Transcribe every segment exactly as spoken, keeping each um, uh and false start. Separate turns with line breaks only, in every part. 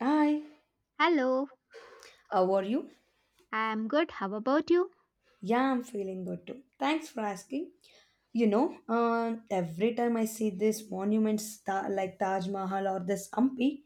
Hi,
Hello,
how are you?
I'm good. How about you?
Yeah, I'm feeling good too. Thanks for asking. You know, uh, every time I see these monuments ta- like Taj Mahal or this Hampi,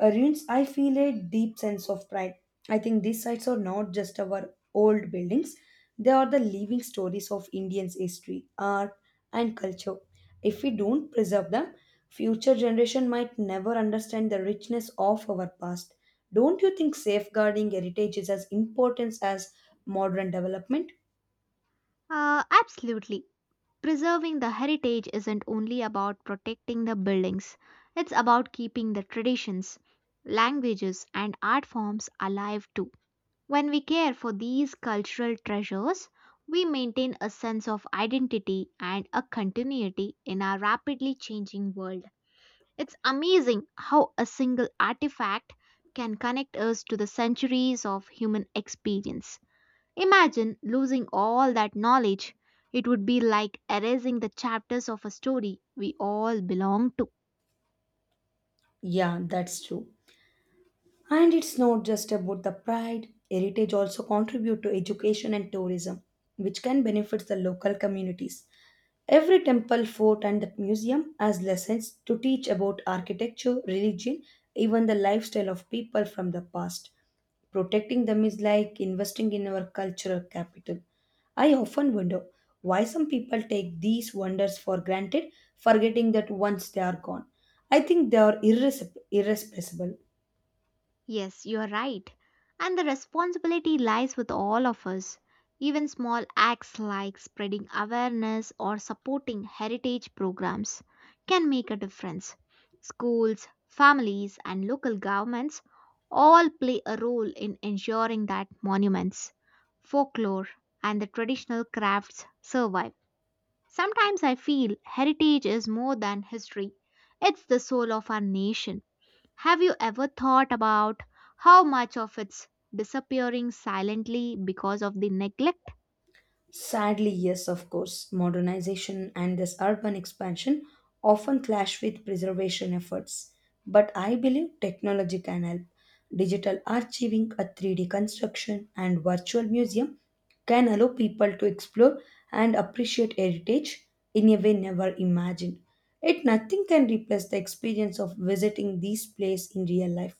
ruins, I feel a deep sense of pride. I think these sites are not just our old buildings, they are the living stories of Indians' history, art, and culture. If we don't preserve them, future generation might never understand the richness of our past. Don't you think safeguarding heritage is as important as modern development?
Uh, absolutely. Preserving the heritage isn't only about protecting the buildings, it's about keeping the traditions, languages, and art forms alive too. When we care for these cultural treasures, we maintain a sense of identity and a continuity in our rapidly changing world. It's amazing how a single artifact can connect us to the centuries of human experience. Imagine losing all that knowledge. It would be like erasing the chapters of a story we all belong to.
Yeah, that's true. And it's not just about the pride, heritage also contribute to education and tourism, which can benefit the local communities. Every temple, fort, and the museum has lessons to teach about architecture, religion, even the lifestyle of people from the past. Protecting them is like investing in our cultural capital. I often wonder why some people take these wonders for granted, forgetting that once they are gone. I think they are irres- irreplaceable.
Yes, you're right. And the responsibility lies with all of us. Even small acts like spreading awareness or supporting heritage programs can make a difference. Schools, families, and local governments all play a role in ensuring that monuments, folklore, and the traditional crafts survive. Sometimes I feel heritage is more than history, it's the soul of our nation. Have you ever thought about how much of it's disappearing silently because of the neglect?
Sadly, yes, of course, modernization and this urban expansion often clash with preservation efforts. But I believe technology can help. Digital archiving, a three D construction, and virtual museum can allow people to explore and appreciate heritage in a way never imagined. Yet nothing can replace the experience of visiting these places in real life.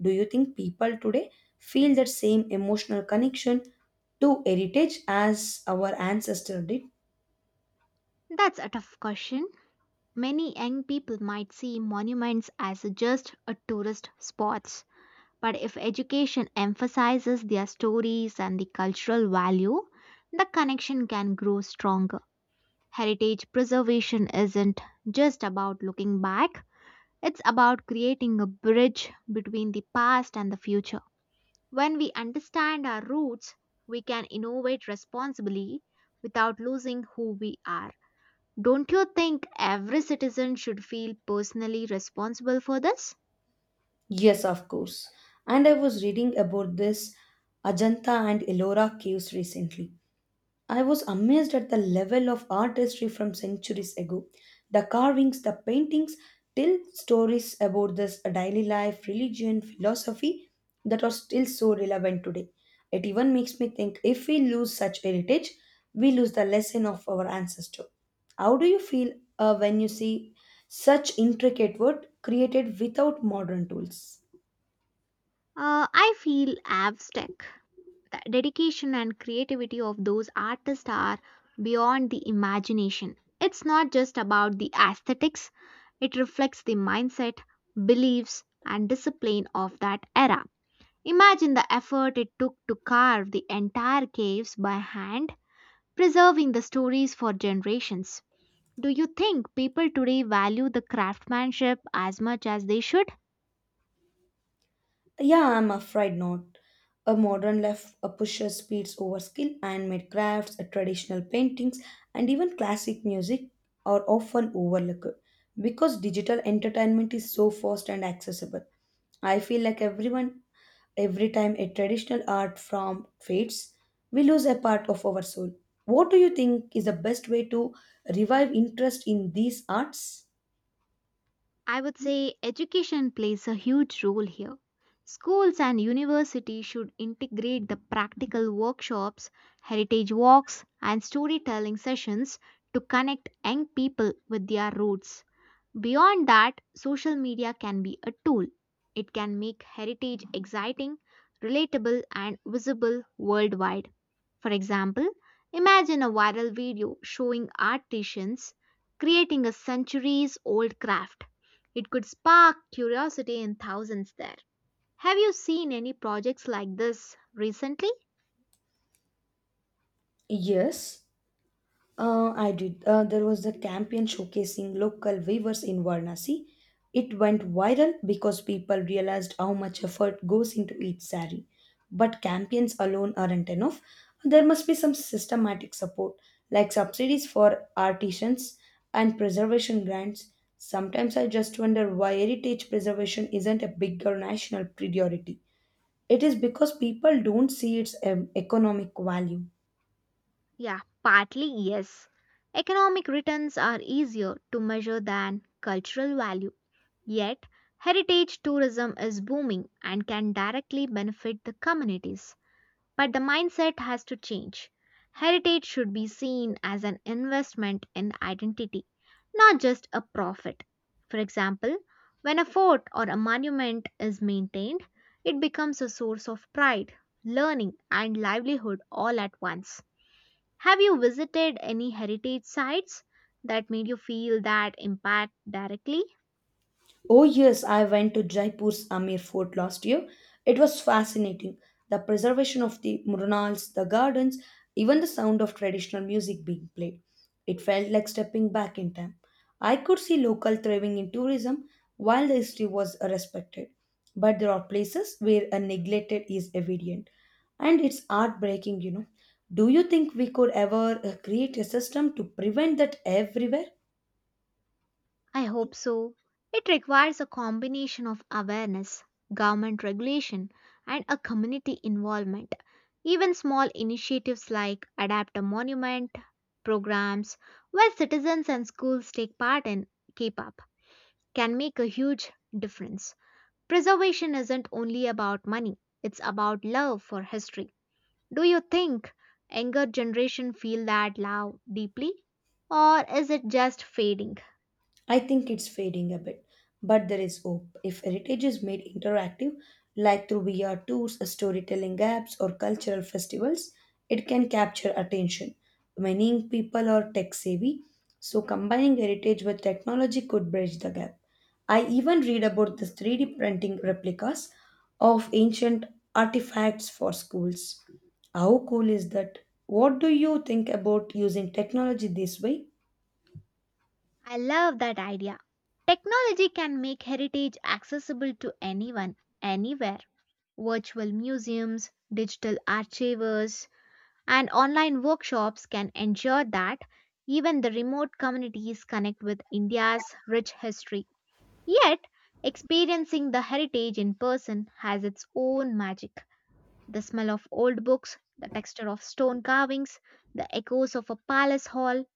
Do you think people today feel that same emotional connection to heritage as our ancestors did?
That's a tough question. Many young people might see monuments as just a tourist spots, but if education emphasizes their stories and the cultural value, the connection can grow stronger. Heritage preservation isn't just about looking back, it's about creating a bridge between the past and the future. When we understand our roots, we can innovate responsibly without losing who we are. Don't you think every citizen should feel personally responsible for this?
Yes, of course. And I was reading about this Ajanta and Ellora caves recently, I was amazed at the level of artistry from centuries ago. The carvings, the paintings tell stories about this daily life, religion, philosophy that are still so relevant today. It even makes me think if we lose such heritage, we lose the lesson of our ancestor. How do you feel uh, when you see such intricate work created without modern tools?
Uh, I feel abstract. The dedication and creativity of those artists are beyond the imagination. It's not just about the aesthetics, it reflects the mindset, beliefs, and discipline of that era. Imagine the effort it took to carve the entire caves by hand, preserving the stories for generations. Do you think people today value the craftsmanship as much as they should?
Yeah, I'm afraid not. A modern left uh, pushes speeds over skill, handmade crafts, uh, traditional paintings, and even classic music are often overlooked because digital entertainment is so fast and accessible. I feel like everyone, every time a traditional art form fades, we lose a part of our soul. What do you think is the best way to revive interest in these arts?
I would say education plays a huge role here. Schools and universities should integrate the practical workshops, heritage walks, and storytelling sessions to connect young people with their roots. Beyond that, social media can be a tool. It can make heritage exciting, relatable, and visible worldwide. For example, imagine a viral video showing artisans creating a centuries old craft. It could spark curiosity in thousands there. Have you seen any projects like this recently?
Yes. Uh, I did. Uh, there was a campaign showcasing local weavers in Varanasi. It went viral because people realized how much effort goes into each sari. But campaigns alone aren't enough. There must be some systematic support, like subsidies for artisans and preservation grants. Sometimes I just wonder why heritage preservation isn't a bigger national priority. It is because people don't see its um, economic value.
Yeah, partly yes. Economic returns are easier to measure than cultural value. Yet, heritage tourism is booming and can directly benefit the communities. But the mindset has to change. Heritage should be seen as an investment in identity, not just a profit. For example, when a fort or a monument is maintained, it becomes a source of pride, learning, and livelihood all at once. Have you visited any heritage sites that made you feel that impact directly?
Oh, yes, I went to Jaipur's Amir Fort last year. It was fascinating. The preservation of the murals, the gardens, even the sound of traditional music being played. It felt like stepping back in time. I could see local thriving in tourism while the history was respected. But there are places where a neglected is evident. And it's heartbreaking, you know. Do you think we could ever uh, create a system to prevent that everywhere?
I hope so. It requires a combination of awareness, government regulation, and a community involvement. Even small initiatives like Adapt a Monument programs, where citizens and schools take part and keep up, can make a huge difference. Preservation isn't only about money, it's about love for history. Do you think younger generation feel that love deeply or is it just fading?
I think it's fading a bit, but there is hope. If heritage is made interactive, like through V R tours, storytelling apps, or cultural festivals, it can capture attention. Many people are tech savvy, so combining heritage with technology could bridge the gap. I even read about the three D printing replicas of ancient artifacts for schools. How cool is that? What do you think about using technology this way?
I love that idea. Technology can make heritage accessible to anyone, anywhere. Virtual museums, digital archives, and online workshops can ensure that even the remote communities connect with India's rich history. Yet, experiencing the heritage in person has its own magic. The smell of old books, the texture of stone carvings, the echoes of a palace hall,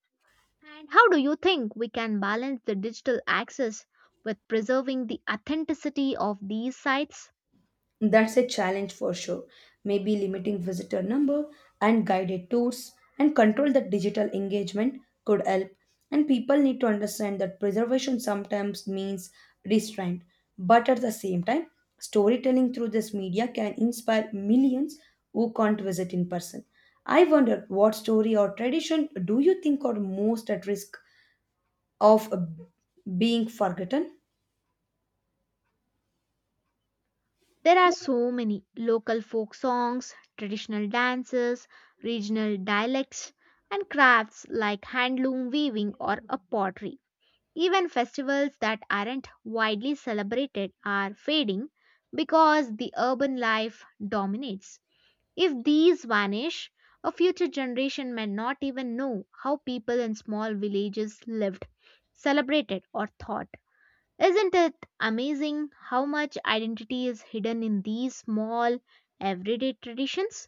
and how do you think we can balance the digital access with preserving the authenticity of these sites?
That's a challenge for sure. Maybe limiting visitor number and guided tours and control the digital engagement could help. And people need to understand that preservation sometimes means restraint, but at the same time, storytelling through this media can inspire millions who can't visit in person. I wonder what story or tradition do you think are most at risk of uh, being forgotten?
There are so many local folk songs, traditional dances, regional dialects, and crafts like handloom weaving or a pottery. Even festivals that aren't widely celebrated are fading because the urban life dominates. If these vanish, a future generation may not even know how people in small villages lived, celebrated, or thought. Isn't it amazing how much identity is hidden in these small, everyday traditions?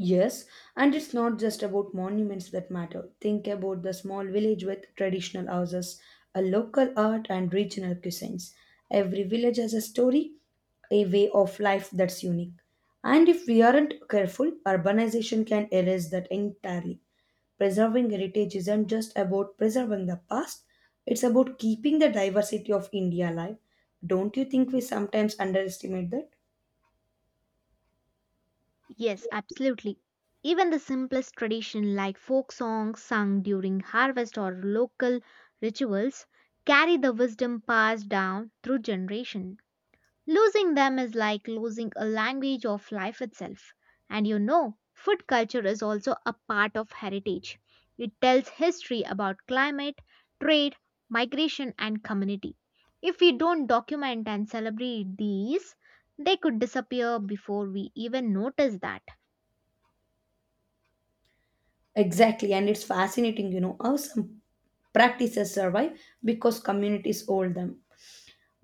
Yes, and it's not just about monuments that matter. Think about the small village with traditional houses, a local art, and regional cuisines. Every village has a story, a way of life that's unique. And if we aren't careful, urbanization can erase that entirely. Preserving heritage isn't just about preserving the past, it's about keeping the diversity of India alive. Don't you think we sometimes underestimate that?
Yes, absolutely. Even the simplest tradition like folk songs sung during harvest or local rituals carry the wisdom passed down through generation. Losing them is like losing a language of life itself. And you know, food culture is also a part of heritage. It tells history about climate, trade, migration, and community. If we don't document and celebrate these, they could disappear before we even notice that.
Exactly, and it's fascinating, you know, how some practices survive because communities hold them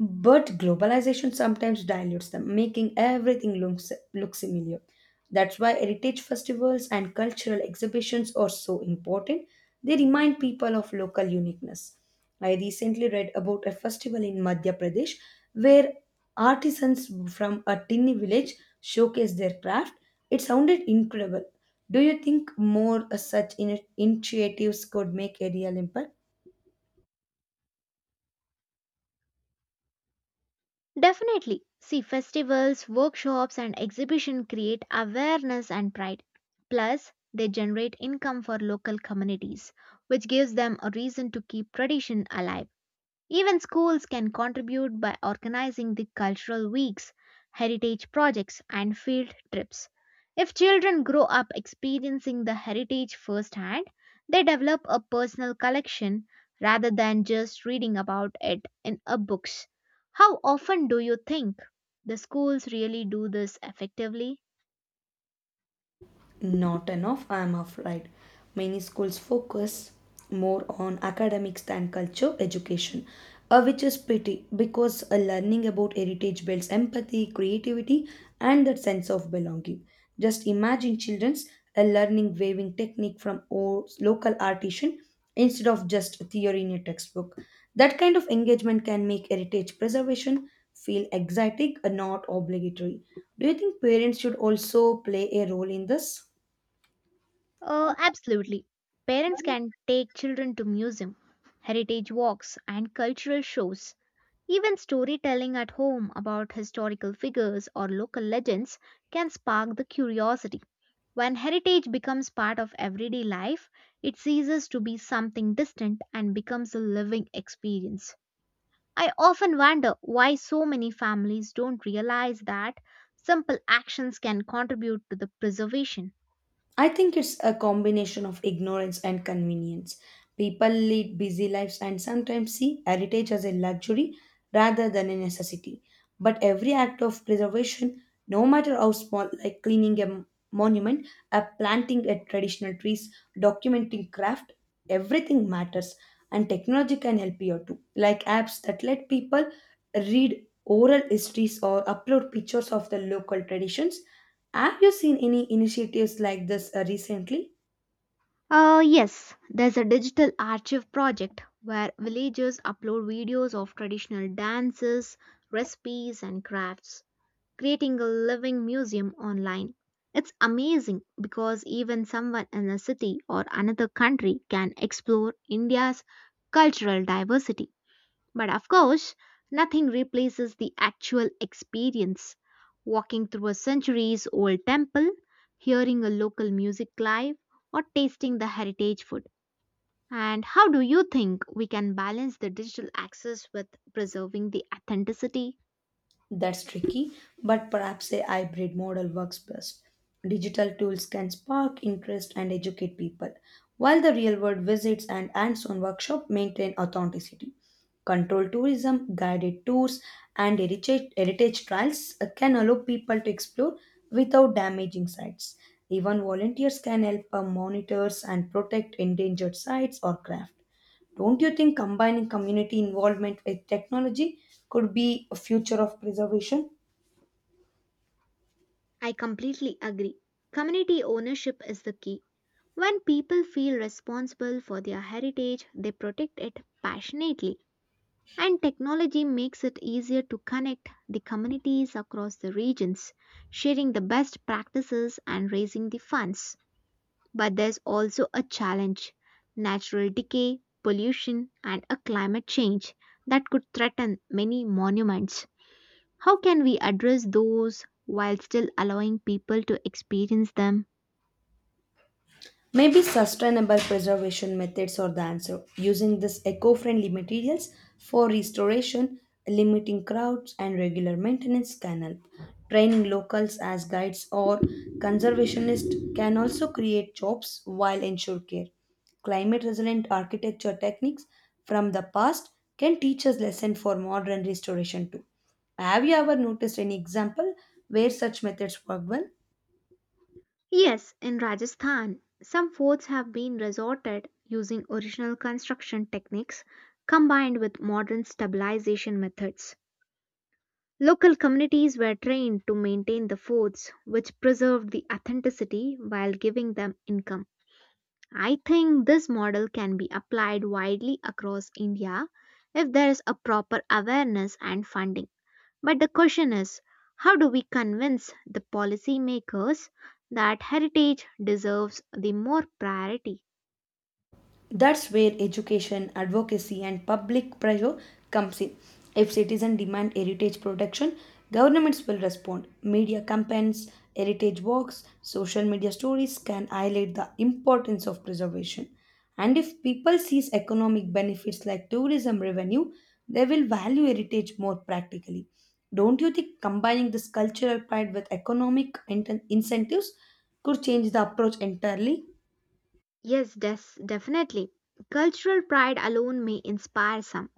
but globalization sometimes dilutes them, making everything looks look similar. That's why heritage festivals and cultural exhibitions are so important. They remind people of local uniqueness. I recently read about a festival in Madhya Pradesh where artisans from a tiny village showcased their craft. It sounded incredible. Do you think more such in- initiatives could make a real impact?
Definitely. See, festivals, workshops, and exhibition create awareness and pride. Plus, they generate income for local communities, which gives them a reason to keep tradition alive. Even schools can contribute by organizing the cultural weeks, heritage projects, and field trips. If children grow up experiencing the heritage firsthand, they develop a personal collection rather than just reading about it in a books. How often do you think the schools really do this effectively?
Not enough, I am afraid. Many schools focus more on academics than culture education, uh, which is pity because uh, learning about heritage builds empathy, creativity, and that sense of belonging. Just imagine children's uh, learning weaving technique from o- local artisan instead of just theory in a textbook. That kind of engagement can make heritage preservation feel exotic and not obligatory. Do you think parents should also play a role in this?
Uh, absolutely. Parents can take children to museum, heritage walks, and cultural shows. Even storytelling at home about historical figures or local legends can spark the curiosity. When heritage becomes part of everyday life, it ceases to be something distant and becomes a living experience. I often wonder why so many families don't realize that simple actions can contribute to the preservation.
I think it's a combination of ignorance and convenience. People lead busy lives and sometimes see heritage as a luxury rather than a necessity. But every act of preservation, no matter how small, like cleaning a m- monument, a planting a traditional trees, documenting craft, everything matters. And technology can help you too, like apps that let people read oral histories or upload pictures of the local traditions. Have you seen any initiatives like this uh, recently?
Uh, yes, there's a digital archive project where villagers upload videos of traditional dances, recipes, and crafts, creating a living museum online. It's amazing because even someone in a city or another country can explore India's cultural diversity. But of course, nothing replaces the actual experience. Walking through a centuries old temple, hearing a local music live, or tasting the heritage food. And how do you think we can balance the digital access with preserving the authenticity?
That's tricky, but perhaps a hybrid model works best. Digital tools can spark interest and educate people, while the real world visits and hands on workshop maintain authenticity. Controlled tourism, guided tours, and heritage, heritage trials uh, can allow people to explore without damaging sites. Even volunteers can help uh, monitors and protect endangered sites or craft. Don't you think combining community involvement with technology could be a future of preservation?
I completely agree. Community ownership is the key. When people feel responsible for their heritage, they protect it passionately, and technology makes it easier to connect the communities across the regions, sharing the best practices and raising the funds. But there's also a challenge: natural decay, pollution, and a climate change that could threaten many monuments. How can we address those while still allowing people to experience them?
Maybe sustainable preservation methods are the answer, using these eco friendly materials for restoration, limiting crowds, and regular maintenance can help. Training locals as guides or conservationists can also create jobs while ensure care. Climate resilient architecture techniques from the past can teach us lesson for modern restoration too. Have you ever noticed any example where such methods work well?
Yes, in Rajasthan, some forts have been resorted using original construction techniques combined with modern stabilization methods. Local communities were trained to maintain the forts, which preserved the authenticity while giving them income. I think this model can be applied widely across India if there is a proper awareness and funding. But the question is, how do we convince the policymakers that heritage deserves the more priority?
That's where education, advocacy, and public pressure comes in. If citizens demand heritage protection, governments will respond. Media campaigns, heritage walks, social media stories can highlight the importance of preservation. And if people sees economic benefits like tourism revenue, they will value heritage more practically. Don't you think combining this cultural pride with economic inten- incentives could change the approach entirely?
Yes, des- definitely. Cultural pride alone may inspire some,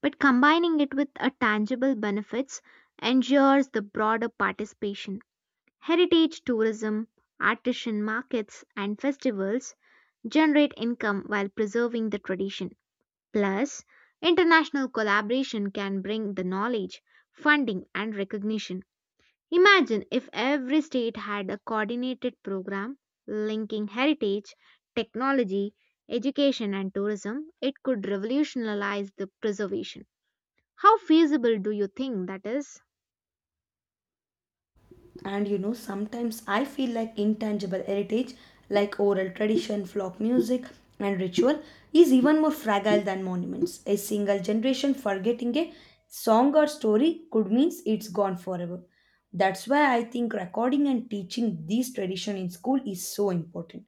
but combining it with a tangible benefits ensures the broader participation. Heritage tourism, artisan markets, and festivals generate income while preserving the tradition. Plus, international collaboration can bring the knowledge, funding, and recognition. Imagine if every state had a coordinated program linking heritage, technology, education, and tourism, it could revolutionize the preservation. How feasible do you think that is?
And you know, sometimes I feel like intangible heritage like oral tradition, folk music, and ritual is even more fragile than monuments. A single generation forgetting a song or story could mean it's gone forever. That's why I think recording and teaching these tradition in school is so important.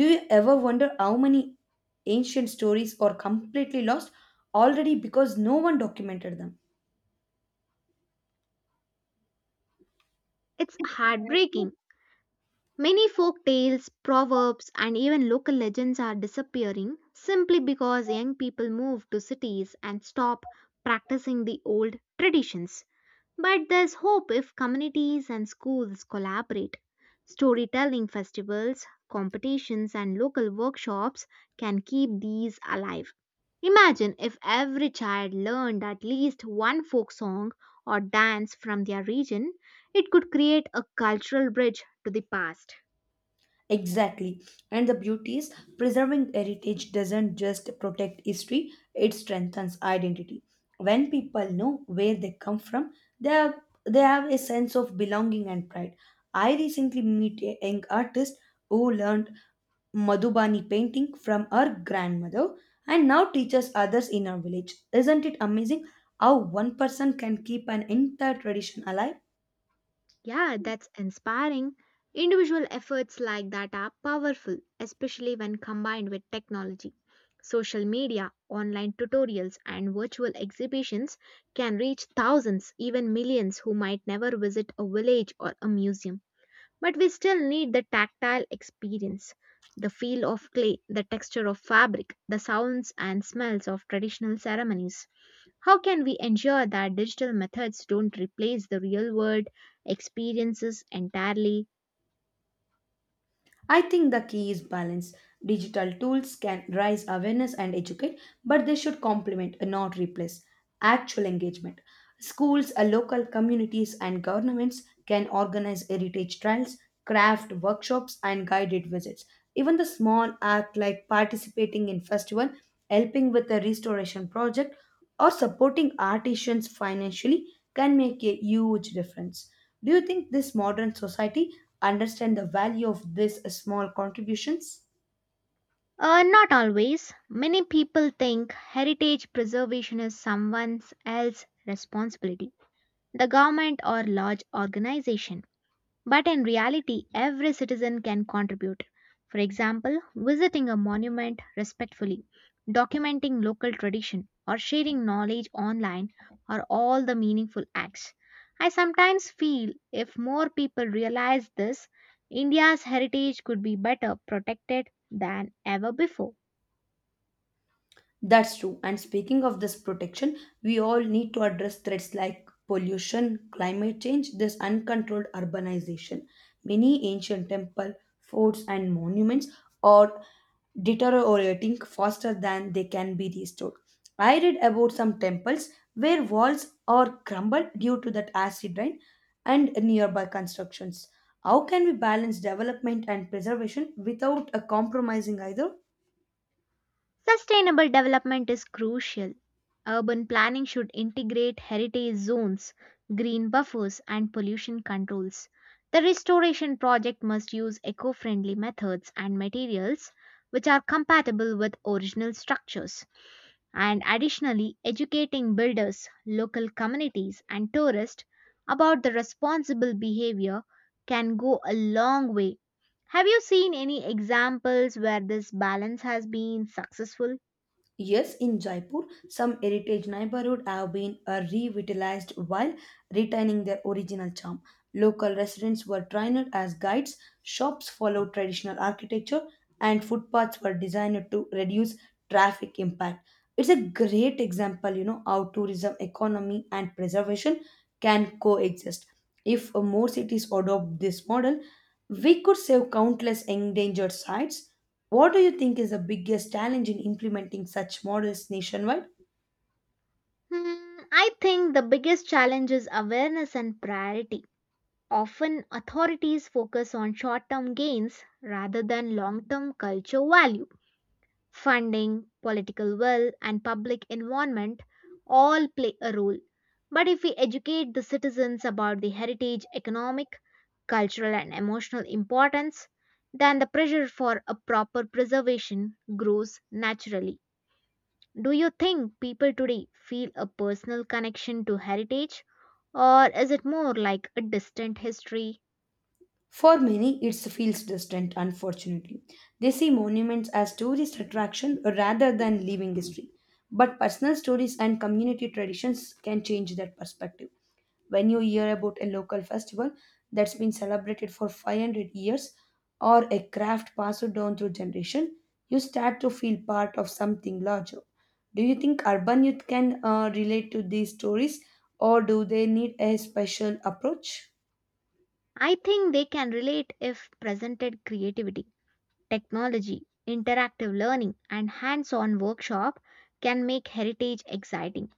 Do you ever wonder how many ancient stories are completely lost already because no one documented them?
It's heartbreaking. Many folk tales, proverbs, and even local legends are disappearing simply because young people move to cities and stop practicing the old traditions. But there's hope if communities and schools collaborate. Storytelling festivals, competitions, and local workshops can keep these alive. Imagine if every child learned at least one folk song or dance from their region, it could create a cultural bridge to the past.
Exactly. And the beauty is preserving heritage doesn't just protect history, it strengthens identity. When people know where they come from, they have, they have a sense of belonging and pride. I recently met a young artist who learned Madhubani painting from her grandmother and now teaches others in her village. Isn't it amazing how one person can keep an entire tradition alive?
Yeah, that's inspiring. Individual efforts like that are powerful, especially when combined with technology. Social media, online tutorials, and virtual exhibitions can reach thousands, even millions, who might never visit a village or a museum. But we still need the tactile experience: the feel of clay, the texture of fabric, the sounds and smells of traditional ceremonies. How can we ensure that digital methods don't replace the real world experiences entirely?
I think the key is balance. Digital tools can raise awareness and educate, but they should complement, not replace, actual engagement. Schools, uh, local communities, and governments can organize heritage trails, craft workshops, and guided visits. Even the small act like participating in festival, helping with a restoration project, or supporting artisans financially can make a huge difference. Do you think this modern society understand the value of these small contributions?
Uh, not always. Many people think heritage preservation is someone else's responsibility, the government or large organization. But in reality, every citizen can contribute. For example, visiting a monument respectfully, documenting local tradition, or sharing knowledge online are all the meaningful acts. I sometimes feel if more people realize this, India's heritage could be better protected than ever before.
That's true. And speaking of this protection, we all need to address threats like pollution, climate change, this uncontrolled urbanization. Many ancient temple, forts and monuments are deteriorating faster than they can be restored. I read about some temples where walls are crumbled due to that acid rain and nearby constructions. How can we balance development and preservation without a compromising either?
Sustainable development is crucial. Urban planning should integrate heritage zones, green buffers, and pollution controls. The restoration project must use eco friendly methods and materials which are compatible with original structures. And additionally, educating builders, local communities, and tourists about the responsible behavior can go a long way. Have you seen any examples where this balance has been successful?
Yes, in Jaipur, some heritage neighborhoods have been uh, revitalized while retaining their original charm. Local residents were trained as guides, shops followed traditional architecture, and footpaths were designed to reduce traffic impact. It's a great example, you know, how tourism, economy, and preservation can coexist. If uh, more cities adopt this model, we could save countless endangered sites. What do you think is the biggest challenge in implementing such models nationwide?
Hmm, I think the biggest challenge is awareness and priority. Often, authorities focus on short term gains rather than long term cultural value. Funding, political will, and public involvement all play a role. But if we educate the citizens about the heritage, economic, cultural, and emotional importance, then the pressure for a proper preservation grows naturally. Do you think people today feel a personal connection to heritage or is it more like a distant history?
For many, it feels distant, unfortunately. They see monuments as tourist attraction rather than living history. But personal stories and community traditions can change that perspective. When you hear about a local festival that's been celebrated for five hundred years or a craft passed down through generation, you start to feel part of something larger. Do you think urban youth can uh, relate to these stories or do they need a special approach?
I think they can relate if presented creativity, technology, interactive learning, and hands on workshop can make heritage exciting.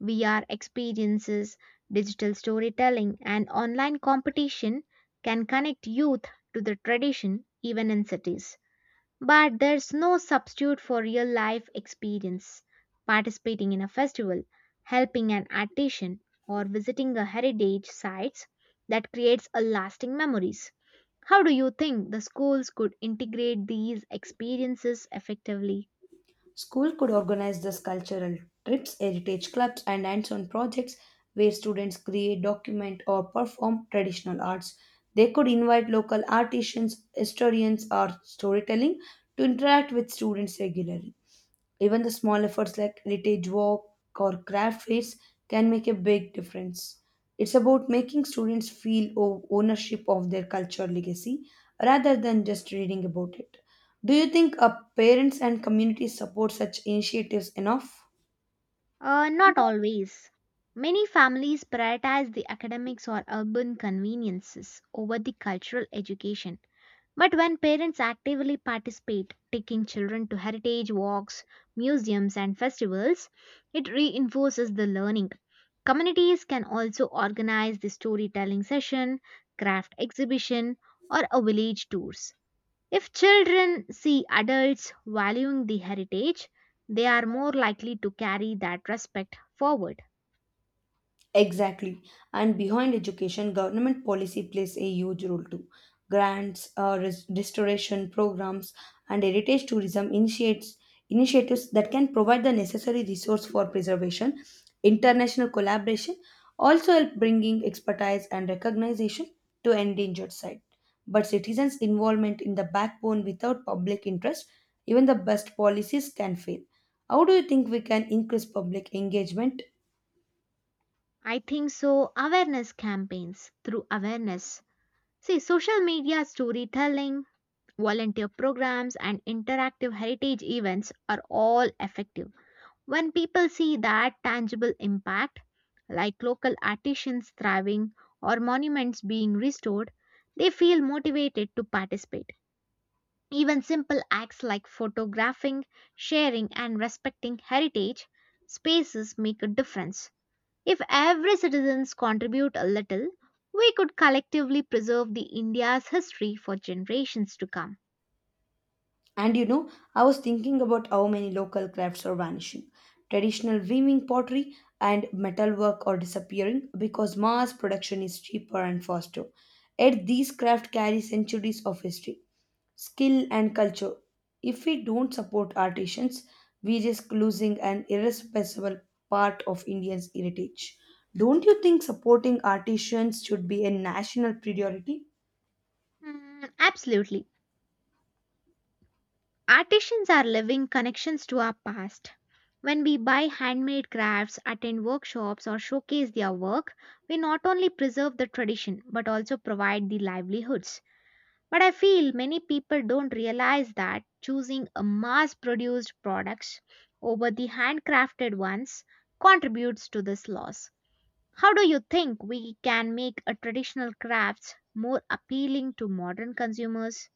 V R experiences, digital storytelling, and online competition can connect youth to the tradition even in cities. But there's no substitute for real life experience. Participating in a festival, helping an artisan, or visiting a heritage sites that creates a lasting memories. How do you think the schools could integrate these experiences effectively?
School could organize these cultural trips, heritage clubs, and hands-on projects where students create, document, or perform traditional arts. They could invite local artisans, historians, or storytelling to interact with students regularly. Even the small efforts like heritage walk or craft fairs can make a big difference. It's about making students feel o- ownership of their culture legacy rather than just reading about it. Do you think uh, parents and communities support such initiatives enough?
Uh, not always. Many families prioritize the academics or urban conveniences over the cultural education. But when parents actively participate, taking children to heritage walks, museums, and festivals, it reinforces the learning. Communities can also organize the storytelling session, craft exhibition, or a village tours. If children see adults valuing the heritage, they are more likely to carry that respect forward.
Exactly. And behind education, government policy plays a huge role too. Grants, uh, res- restoration programs, and heritage tourism initiates initiatives that can provide the necessary resource for preservation. International collaboration also help bringing expertise and recognition to endangered site. But citizens' involvement in the backbone without public interest, even the best policies can fail. How do you think we can increase public engagement?
I think so. Awareness campaigns through awareness. See, social media storytelling, volunteer programs and interactive heritage events are all effective. When people see that tangible impact, like local artisans thriving or monuments being restored, they feel motivated to participate. Even simple acts like photographing, sharing, and respecting heritage spaces make a difference. If every citizens contribute a little, we could collectively preserve the India's history for generations to come.
And you know, I was thinking about how many local crafts are vanishing. Traditional weaving, pottery, and metalwork are disappearing because mass production is cheaper and faster. Yet these crafts carry centuries of history, skill, and culture. If we don't support artisans, we risk losing an irreplaceable part of India's heritage. Don't you think supporting artisans should be a national priority?
Mm, absolutely. Artisans are living connections to our past. When we buy handmade crafts, attend workshops, or showcase their work, we not only preserve the tradition but also provide the livelihoods. But I feel many people don't realize that choosing a mass produced products over the handcrafted ones contributes to this loss. How do you think we can make a traditional crafts more appealing to modern consumers?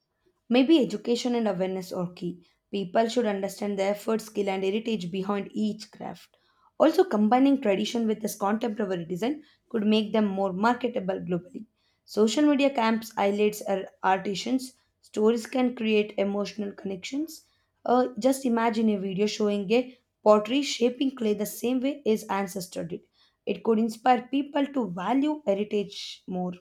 Maybe education and awareness are key. People should understand the effort, skill, and heritage behind each craft. Also, combining tradition with this contemporary design could make them more marketable globally. Social media camps highlights ar- artisans. Stories can create emotional connections. Uh, just imagine a video showing a pottery shaping clay the same way his ancestor did. It could inspire people to value heritage more.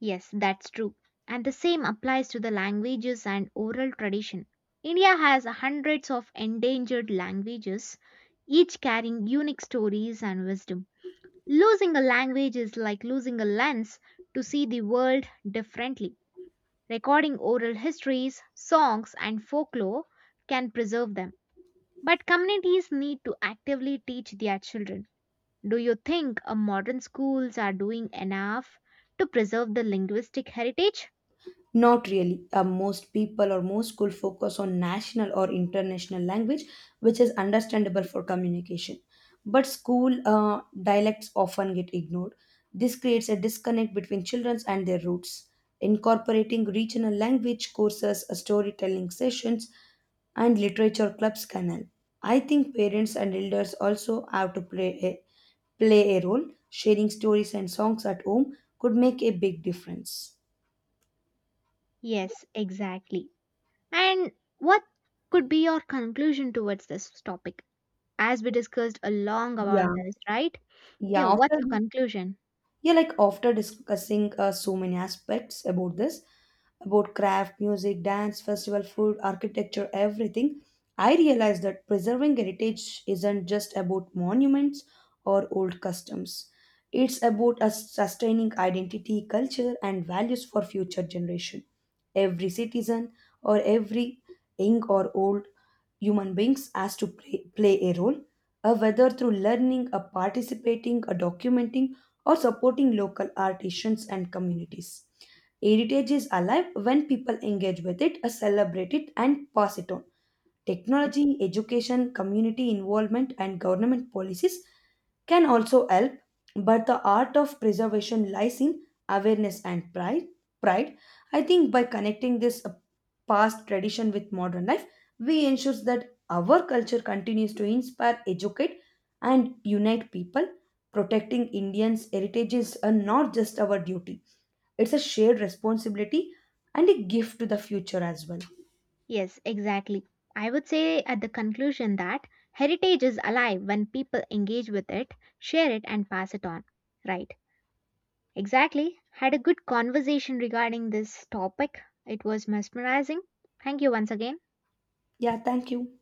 Yes, that's true. And the same applies to the languages and oral tradition. India has hundreds of endangered languages, each carrying unique stories and wisdom. Losing a language is like losing a lens to see the world differently. Recording oral histories, songs, and folklore can preserve them. But communities need to actively teach their children. Do you think uh, modern schools are doing enough to preserve the linguistic heritage?
Not really. Uh, most people or most school focus on national or international language, which is understandable for communication. But school uh, dialects often get ignored. This creates a disconnect between children and their roots. Incorporating regional language courses, uh, storytelling sessions, and literature clubs can help. I think parents and elders also have to play a, play a role. Sharing stories and songs at home could make a big difference.
Yes, exactly. And what could be your conclusion towards this topic? As we discussed a long about
Yeah.
this, right? Yeah,
Yeah, after
what's your conclusion?
yeah, like after discussing uh, so many aspects about this, about craft, music, dance, festival, food, architecture, everything, I realized that preserving heritage isn't just about monuments or old customs. It's about us sustaining identity, culture, and values for future generation. Every citizen or every young or old human beings as to play, play a role, uh, whether through learning, uh, participating, uh, documenting, or supporting local artisans and communities. Heritage is alive when people engage with it, uh, celebrate it, and pass it on.
Yes.
Technology, education, community involvement, and government policies can also help, but the art of preservation lies in awareness and pride. Pride. I think by connecting this uh, past tradition with modern life, we ensure that our culture continues to inspire, educate, and unite people. Protecting Indians' heritage is uh, not just our duty; it's a shared responsibility and a gift to the future as well.
Yes, exactly. I would say at the conclusion that heritage is alive when people engage with it, share it, and pass it on. Right. Exactly. Had a good conversation regarding this topic. It was mesmerizing. Thank you once again.
Yeah, thank you.